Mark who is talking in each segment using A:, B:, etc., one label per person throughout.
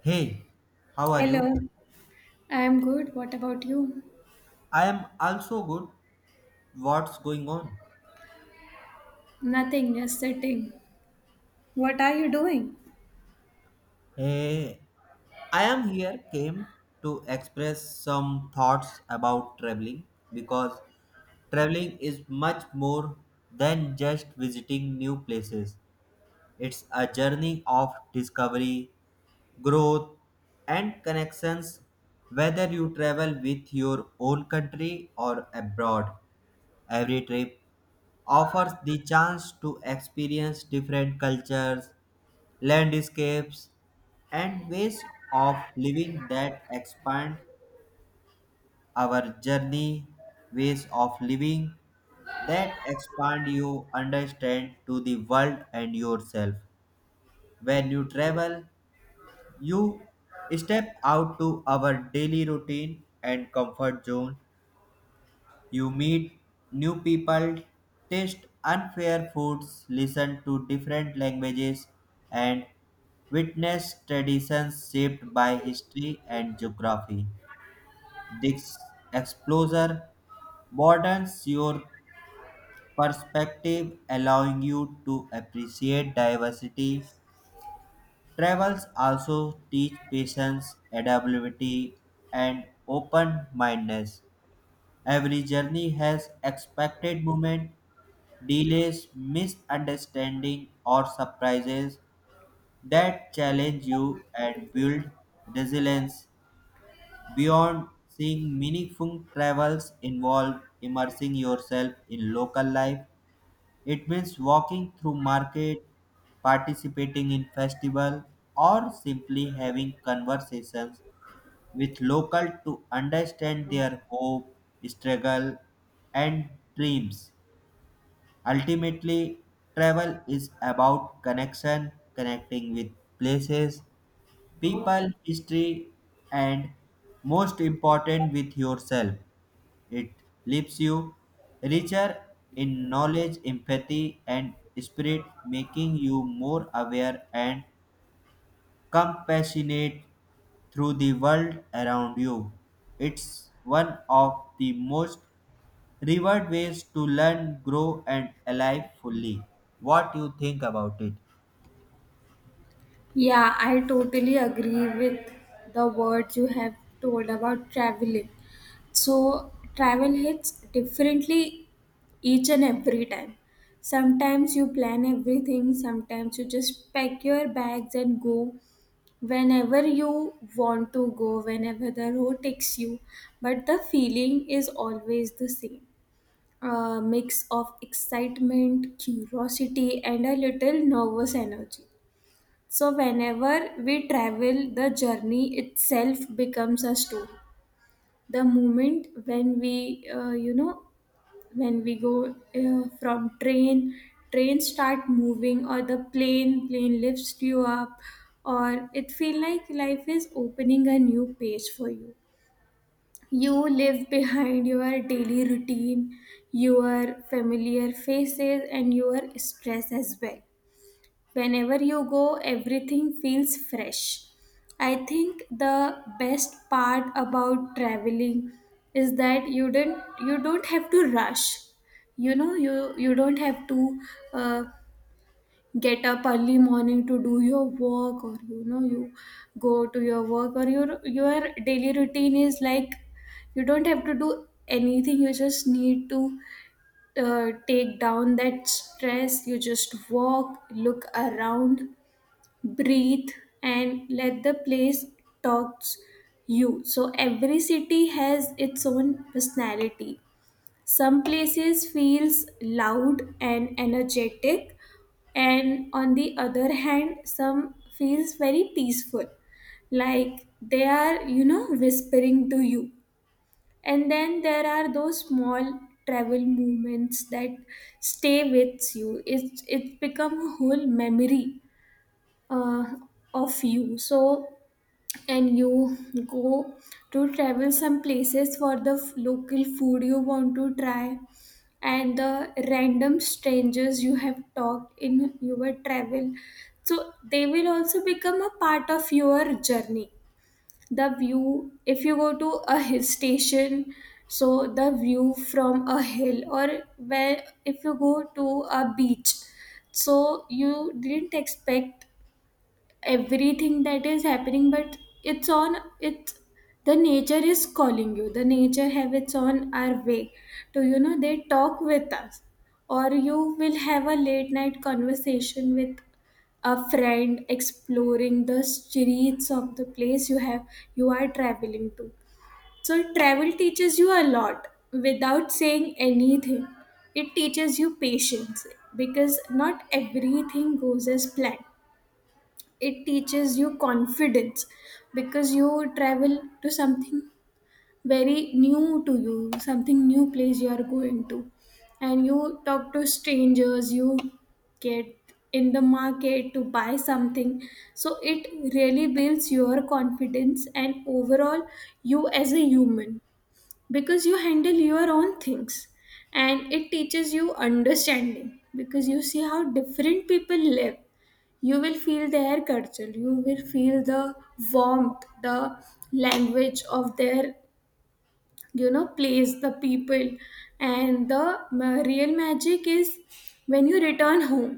A: Hey, how are you?
B: Hello, I'm good. What about you?
A: I am also good. What's going on?
B: Nothing, just sitting. What are you doing?
A: Hey, I am here came to express some thoughts about traveling because traveling is much more than just visiting new places. It's a journey of discovery, growth, and connections whether you travel with your own country or abroad. Every trip offers the chance to experience different cultures, landscapes, and ways of living that expand our journey, ways of living that expand you understand to the world and yourself. When you travel, you step out to our daily routine and comfort zone. You meet new people, taste unfair foods, listen to different languages, and witness traditions shaped by history and geography. This exposure broadens your perspective, allowing you to appreciate diversity. Travels also teach patience, adaptability, and open mindedness. Every journey has expected moment delays, misunderstanding, or surprises that challenge you and build resilience. Beyond seeing meaningful travels involve immersing yourself in local life, it means walking through market, participating in festival, or simply having conversations with local to understand their hope, struggle, and dreams. Ultimately, travel is about connection, connecting with places, people, history, and most important, with yourself. It leaves you richer in knowledge, empathy, and spirit, making you more aware and compassionate through the world around you. It's one of the most Reward ways to learn, grow, and alive fully. What you think about it?
B: Yeah, I totally agree with the words you have told about traveling. So, travel hits differently each and every time. Sometimes you plan everything, sometimes you just pack your bags and go whenever you want to go, whenever the road takes you. But the feeling is always the same. A mix of excitement, curiosity, and a little nervous energy. So, whenever we travel, the journey itself becomes a story. The moment when we, when we go from train start moving, or the plane lifts you up, or it feel like life is opening a new page for you. You live behind your daily routine, your familiar faces, and your stress as well. Whenever you go, everything feels fresh. I think the best part about traveling is that you don't have to rush. You know you don't have to uh, get up early morning to do your work, or you know you go to your work, or your daily routine is like you don't have to do anything, you just need to take down that stress. You just walk, look around, breathe, and let the place talks you. So every city has its own personality. Some places feels loud and energetic, and on the other hand some feels very peaceful, like they are, you know, whispering to you. And then there are those small travel moments that stay with you. It's become a whole memory uh, of you. So and you go to travel some places for the local food you want to try, and the random strangers you have talked in your travel. So they will also become a part of your journey. The view, if you go to a hill station, so the view from a hill, or where if you go to a beach, so you didn't expect everything that is happening, but it's on it's the nature is calling you. The nature have its own our way to, you know, they talk with us. Or you will have a late night conversation with a friend exploring the streets of the place you have you are traveling to. So travel teaches you a lot without saying anything. It teaches you patience, because not everything goes as planned. It teaches you confidence, because you travel to something very new to you, something new place you are going to, and you talk to strangers, you get in the market to buy something. So it really builds your confidence, and overall you as a human, because you handle your own things. And it teaches you understanding, because you see how different people live. You will feel their culture, you will feel the warmth, the language of their, you know, place, the people. And the real magic is when you return home.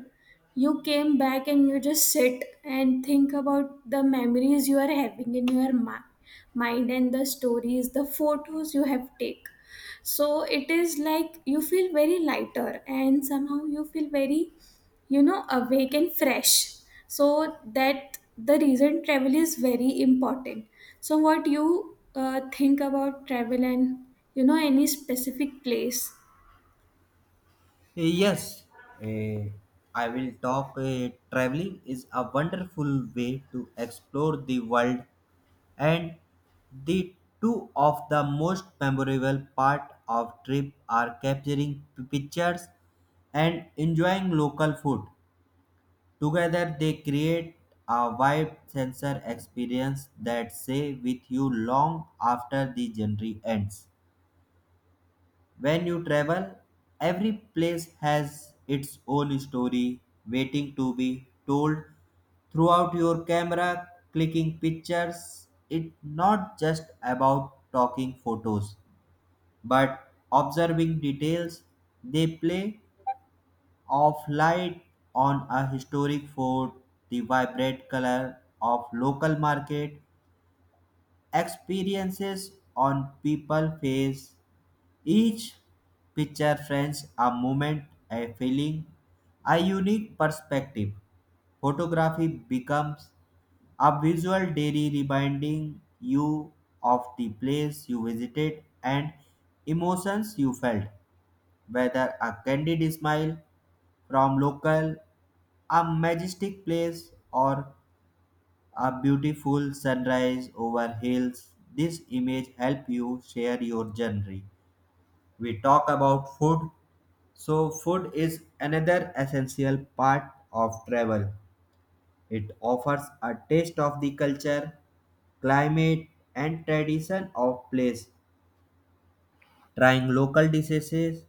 B: You came back and you just sit and think about the memories you are having in your mind, and the stories, the photos you have take. So it is like you feel very lighter, and somehow you feel very, you know, awake and fresh. So that the reason travel is very important. So what you think about travel, and, you know, any specific place?
A: Yes, eh, I will talk. Traveling is a wonderful way to explore the world, and the two of the most memorable part of trip are capturing pictures and enjoying local food. Together they create a wide sensor experience that stay with you long after the journey ends. When you travel, every place has its own story waiting to be told throughout your camera clicking pictures. It's not just about talking photos, but observing details they play of light on a historic fort, the vibrant color of local market experiences on people face. Each picture frames a moment, a feeling, a unique perspective. Photography becomes a visual diary reminding you of the place you visited and emotions you felt whether a candid smile from local, a majestic place, or a beautiful sunrise over hills. This image help you share your journey. We talk about food. So food is another essential part of travel. It offers a taste of the culture, climate, and tradition of place. Trying local dishes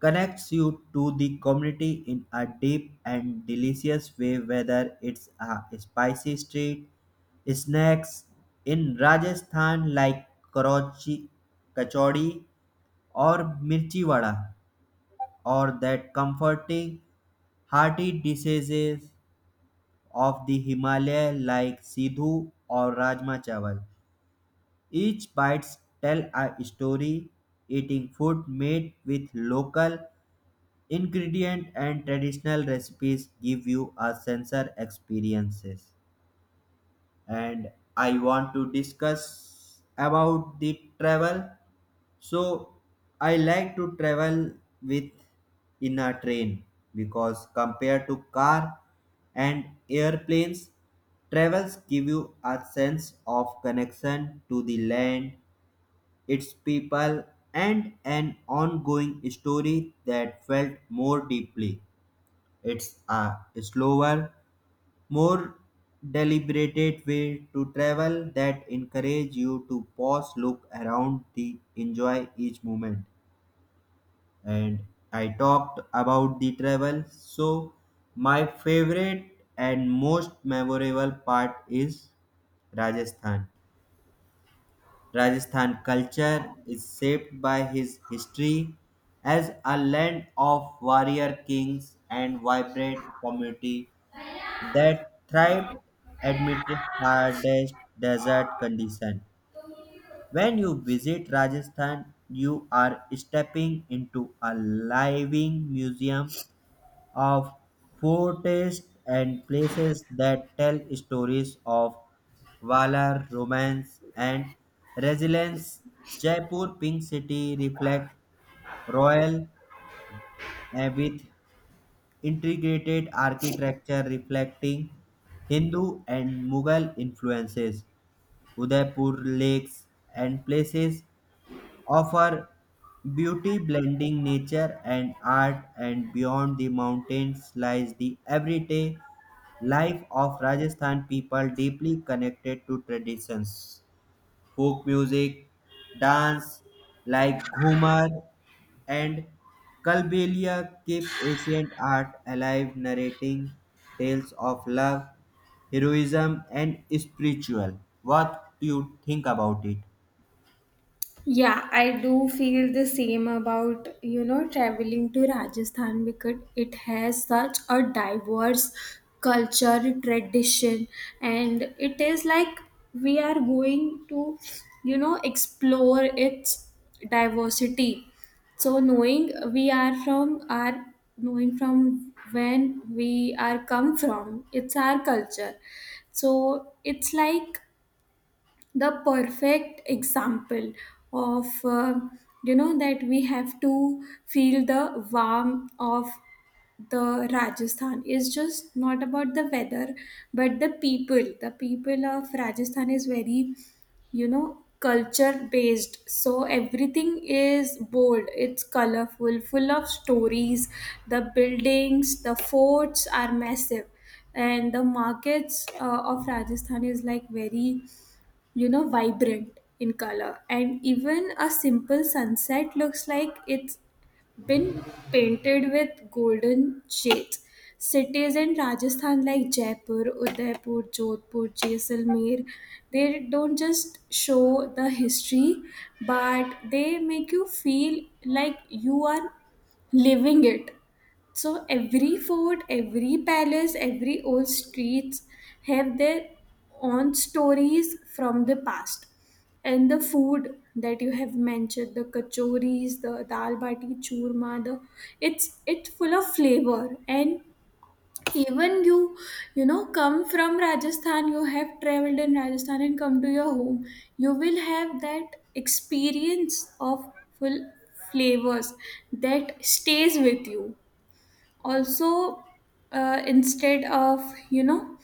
A: connects you to the community in a deep and delicious way, whether it's a spicy street snacks in Rajasthan like karachi, kachori, or mirchi vada, or that comforting hearty dishes of the Himalaya like sidhu or rajma chawal. Each bites tell a story. Eating food made with local ingredient and traditional recipes give you a sensor experiences. And I want to discuss about the travel. So I like to travel with in a train because compared to car and airplanes travels give you a sense of connection to the land, its people, and an ongoing story that felt more deeply. It's a slower, more deliberated way to travel that encourage you to pause, look around, the enjoy each moment. And I talked about the travel, so my favorite and most memorable part is Rajasthan. Rajasthan culture is shaped by his history as a land of warrior kings and vibrant community that thrived amid hardest desert conditions. When you visit Rajasthan, you are stepping into a living museum of forts and places that tell stories of valor, romance, and resilience. Jaipur Pink City reflects royal with integrated architecture reflecting Hindu and Mughal influences. Udaipur lakes and places offer beauty blending nature and art, and beyond the mountains lies the everyday life of Rajasthan people deeply connected to traditions, folk music, dance like Ghumar and Kalbelia keep ancient art alive, narrating tales of love, heroism, and spiritual. What do you think about it?
B: Yeah, I do feel the same about, you know, traveling to Rajasthan, because it has such a diverse culture, tradition, and it is like we are going to, you know, explore its diversity. So knowing we are from our knowing from when we are come from, it's our culture. So it's like the perfect example of, you know, that we have to feel the warmth of the Rajasthan is just not about the weather, but the people, the people of Rajasthan is very, you know, culture based. So everything is bold, it's colorful, full of stories. The buildings, the forts are massive, and the markets of Rajasthan is like very, you know, vibrant in color. And even a simple sunset looks like it's been painted with golden shades. Cities in Rajasthan like Jaipur, Udaipur, Jodhpur, Jaisalmer, they don't just show the history, but they make you feel like you are living it. So every fort, every palace, every old streets have their own stories from the past. And the food that you have mentioned, the kachoris, the dal bati churma, the it's full of flavor. And even you, you know, come from Rajasthan, you have traveled in Rajasthan and come to your home, you will have that experience of full flavors that stays with you. Also, instead of, you know,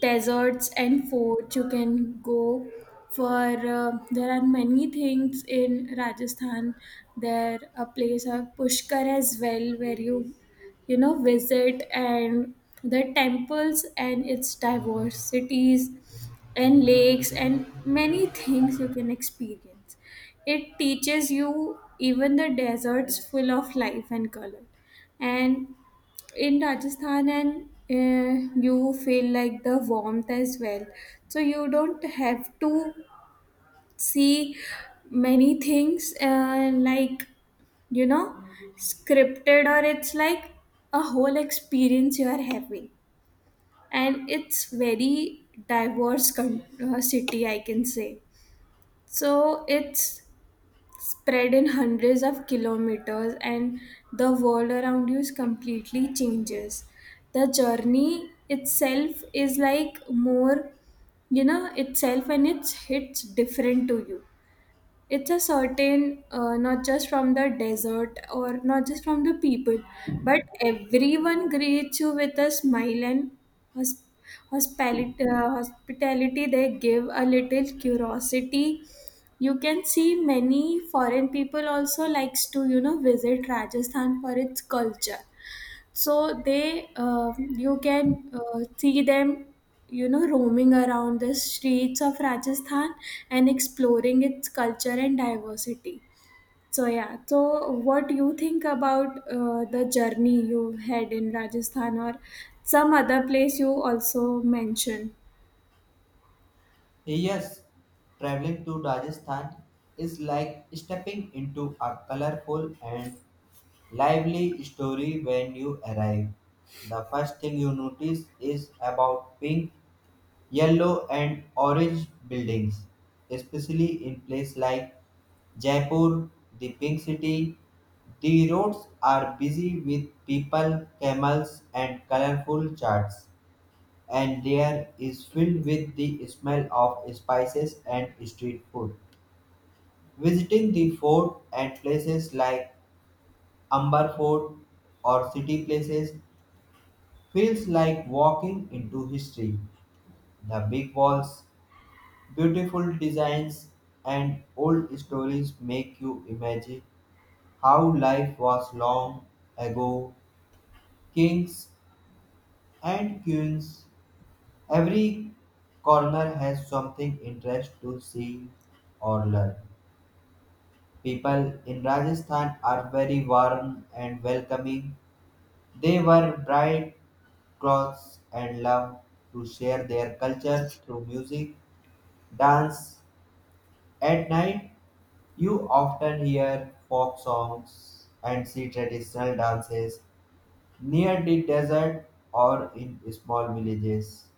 B: deserts and forts, you can go for, there are many things in Rajasthan. There a place of Pushkar as well, where you know, visit, and the temples and its diversities and lakes and many things you can experience. It teaches you even the deserts full of life and color. And in Rajasthan, and you feel like the warmth as well. So you don't have to see many things like, you know, scripted, or it's like a whole experience you are having. And it's very diverse city, I can say. So it's spread in hundreds of kilometers, and the world around you is completely changes. The journey itself is like more, you know, itself, and it's hits different to you. It's a certain, not just from the desert or not just from the people, but everyone greets you with a smile and hosp- hospitality, hospitality they give, a little curiosity. You can see many foreign people also likes to, you know, visit Rajasthan for its culture. So they, you can, see them, you know, roaming around the streets of Rajasthan and exploring its culture and diversity. So yeah, so what do you think about the journey you had in Rajasthan or some other place you also mentioned?
A: Yes, traveling to Rajasthan is like stepping into a colorful and lively story when you arrive. The first thing you notice is about being yellow and orange buildings, especially in places like Jaipur, the Pink City. The roads are busy with people, camels, and colorful charts, and there is filled with the smell of spices and street food. Visiting the fort and places like Amber Fort or city places feels like walking into history. The big walls, beautiful designs, and old stories make you imagine how life was long ago. Kings and queens, every corner has something interesting to see or learn. People in Rajasthan are very warm and welcoming. They wear bright clothes and love to share their culture through music, dance. At night you often hear folk songs and see traditional dances near the desert or in small villages.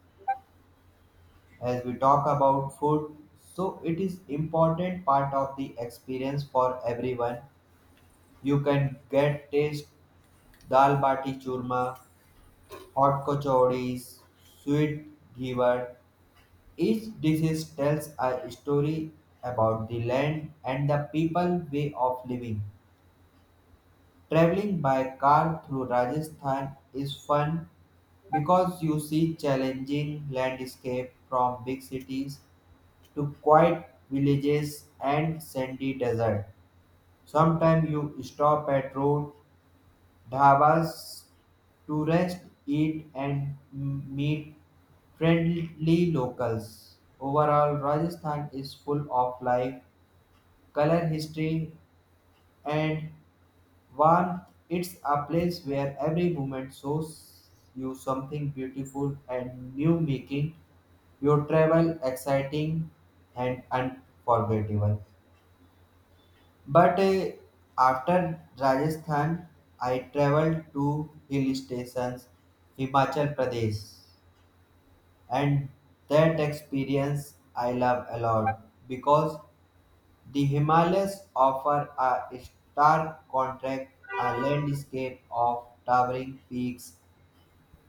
A: As we talk about food, so it is important part of the experience for everyone. You can get taste dal bati churma, hot kachoris, sweet giver. Each dish tells a story about the land and the people way of living. Traveling by car through Rajasthan is fun because you see challenging landscape from big cities to quiet villages and sandy desert. Sometimes you stop at road dhabas to rest, eat, and meet friendly locals. Overall, Rajasthan is full of life, color, history, and One, it's a place where every moment shows you something beautiful and new, making your travel exciting and unforgettable. But after Rajasthan, I traveled to hill stations, Himachal Pradesh, and that experience I love a lot because the Himalayas offer a stark contrast, a landscape of towering peaks,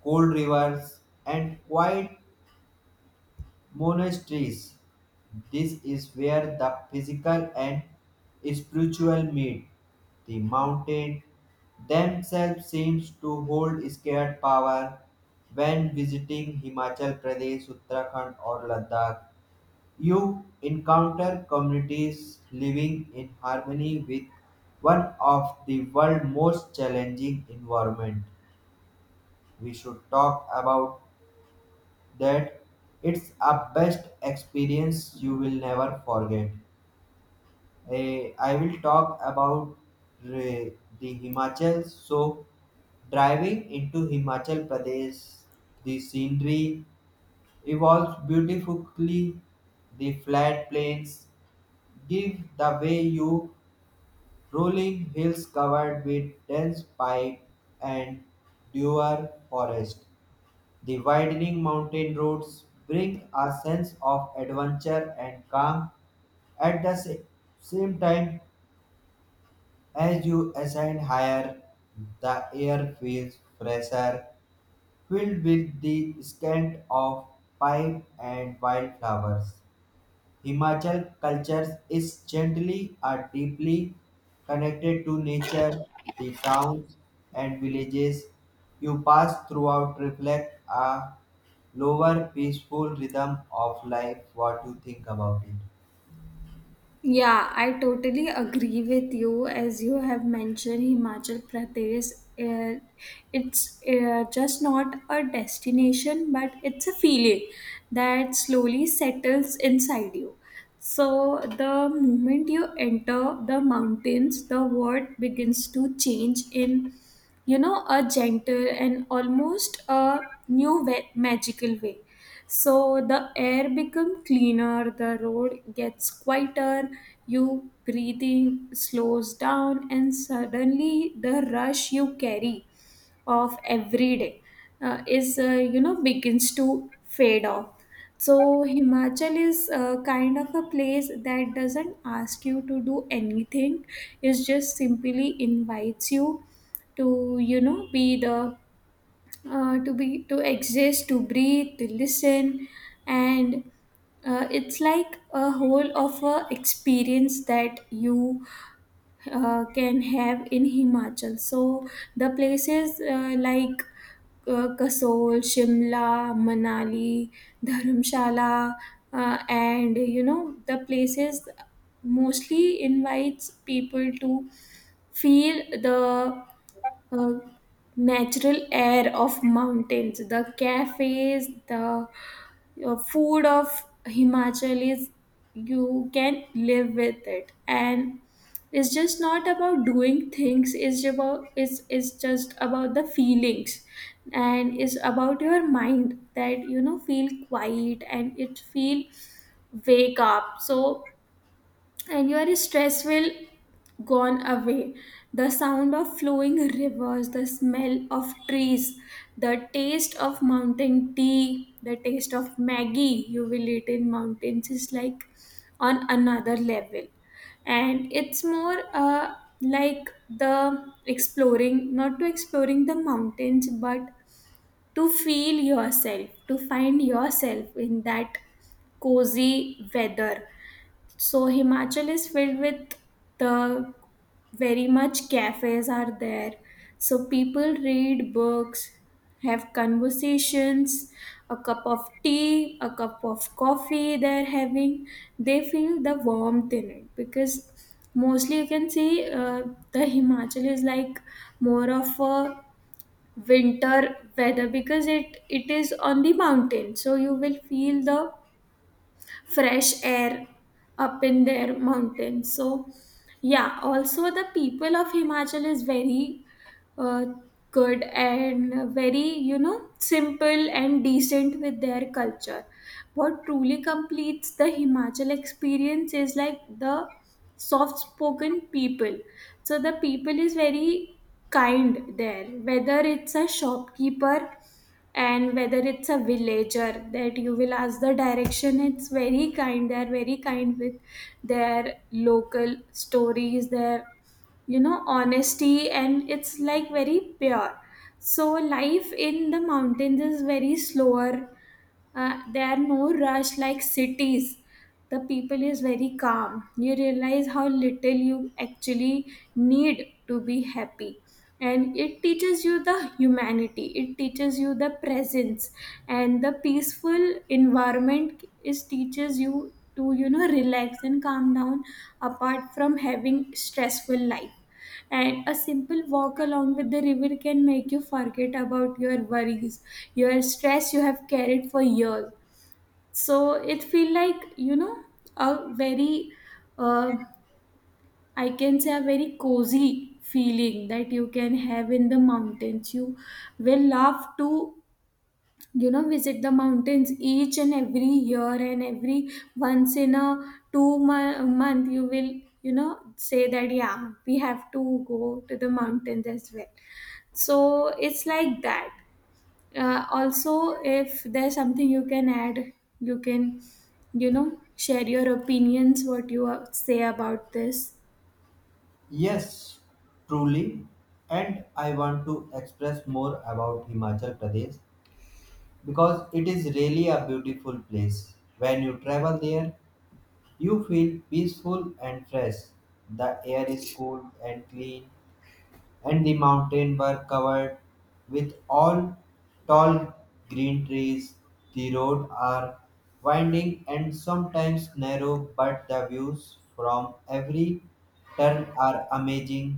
A: cool rivers, and quiet monasteries. This is where the physical and spiritual meet. The mountain themselves seems to hold scared power when visiting Himachal Pradesh, Uttarakhand, or Ladakh. You encounter communities living in harmony with one of the world's most challenging environment. We should talk about that. It's a best experience you will never forget. I will talk about re- the Himachal. So, driving into Himachal Pradesh, the scenery evolves beautifully. The flat plains give the way you rolling hills covered with dense pine and dewar forest. The widening mountain roads bring a sense of adventure and calm at the same time. As you ascend higher, the air feels fresher, filled with the scent of pine and wildflowers. Himachal culture is gently or deeply connected to nature, the towns and villages you pass throughout reflect a lower peaceful rhythm of life. What you think about it?
B: Yeah, I totally agree with you. As you have mentioned, Himachal Pradesh, uh, it's just not a destination, but it's a feeling that slowly settles inside you. So, the moment you enter the mountains, the world begins to change in, you know, a gentle and almost a new, way, magical way. So the air become cleaner, the road gets quieter, you breathing slows down, and suddenly the rush you carry of every day is you know begins to fade off. So Himachal is, kind of a place that doesn't ask you to do anything. It just simply invites you to, you know, be the, to be, to exist, to breathe, to listen, and it's like a whole of a experience that you can have in Himachal. So the places, like Kasol, Shimla, Manali, Dharamshala, and, you know, the places mostly invites people to feel the uh, natural air of mountains, the cafes, the food of Himachalis, you can live with it. And it's just not about doing things, it's about it's just about the feelings, and it's about your mind that, you know, feel quiet and it feel wake up. So and your stress will gone away. The sound of flowing rivers, the smell of trees, the taste of mountain tea, the taste of maggie you will eat in mountains is like on another level. And it's more, like the exploring, not to exploring the mountains, but to feel yourself, to find yourself in that cozy weather. So Himachal is filled with the very much cafes are there. So people read books, have conversations, a cup of tea, a cup of coffee they're having. They feel the warmth in it. Because mostly you can see, the Himachal is like more of a winter weather, because it is on the mountain. So you will feel the fresh air up in their mountains. So, yeah, also the people of Himachal is very, uh, good and very, you know, simple and decent with their culture. What truly completes the Himachal experience is like the soft spoken people. So the people is very kind there, whether it's a shopkeeper and whether it's a villager that you will ask the direction. It's very kind, they are very kind, with their local stories, their, you know, honesty, and it's like very pure. So life in the mountains is very slower, there are no rush like cities. The people is very calm, you realize how little you actually need to be happy. And it teaches you the humanity, it teaches you the presence. And the peaceful environment is teaches you to, you know, relax and calm down, apart from having stressful life. And a simple walk along with the river can make you forget about your worries, your stress you have carried for years. So it feel like, you know, a very, uh, I can say a very cozy feeling that you can have in the mountains. You will love to, you know, visit the mountains each and every year, and every once in a two month you will, you know, say that yeah we have to go to the mountains as well. So it's like that, also if there's something you can add, you can, you know, share your opinions. What you say about this?
A: Yes, truly. And I want to express more about Himachal Pradesh because it is really a beautiful place. When you travel there, you feel peaceful and fresh. The air is cool and clean, and the mountains were covered with all tall green trees. The roads are winding and sometimes narrow, but the views from every turn are amazing.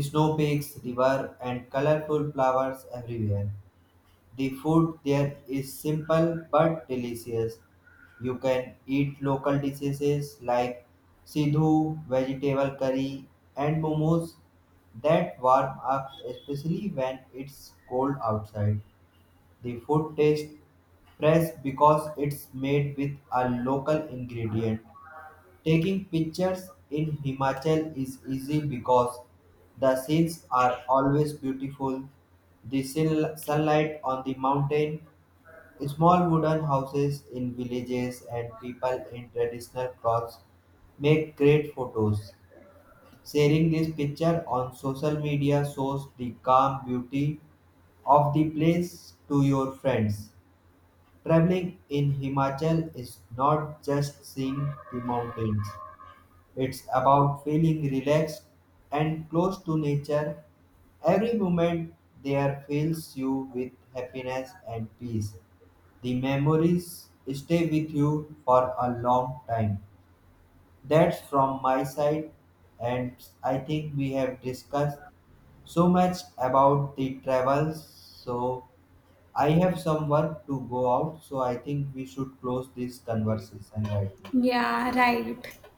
A: Snow peaks, river, and colorful flowers everywhere. The food there is simple but delicious. You can eat local dishes like sidhu, vegetable curry, and momos that warm up, especially when it's cold outside. The food tastes fresh because it's made with a local ingredient. Taking pictures in Himachal is easy because the scenes are always beautiful. The sunlight on the mountain, small wooden houses in villages, and people in traditional clothes make great photos. Sharing this picture on social media shows the calm beauty of the place to your friends. Traveling in Himachal is not just seeing the mountains, it's about feeling relaxed and close to nature. Every moment there fills you with happiness and peace. The memories stay with you for a long time. That's from my side, and I think we have discussed so much about the travels. So, I have some work to go out, so I think we should close this conversation right now.
B: Yeah, right.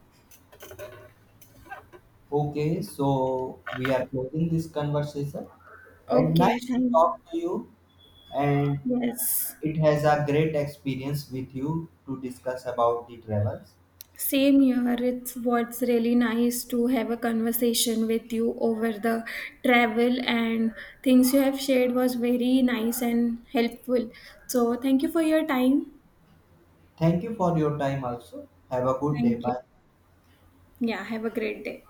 A: Okay, so we are closing this conversation and
B: Okay,
A: nice to
B: thank.
A: talk to you, and
B: Yes.
A: it has a great experience with you to discuss about the travels.
B: Same here, it's what's really nice to have a conversation with you over the travel, and things you have shared was very nice and helpful. So thank you for your time.
A: Thank you for your time also. Have a good day.
B: Thank you.
A: Bye.
B: Yeah, have a great day.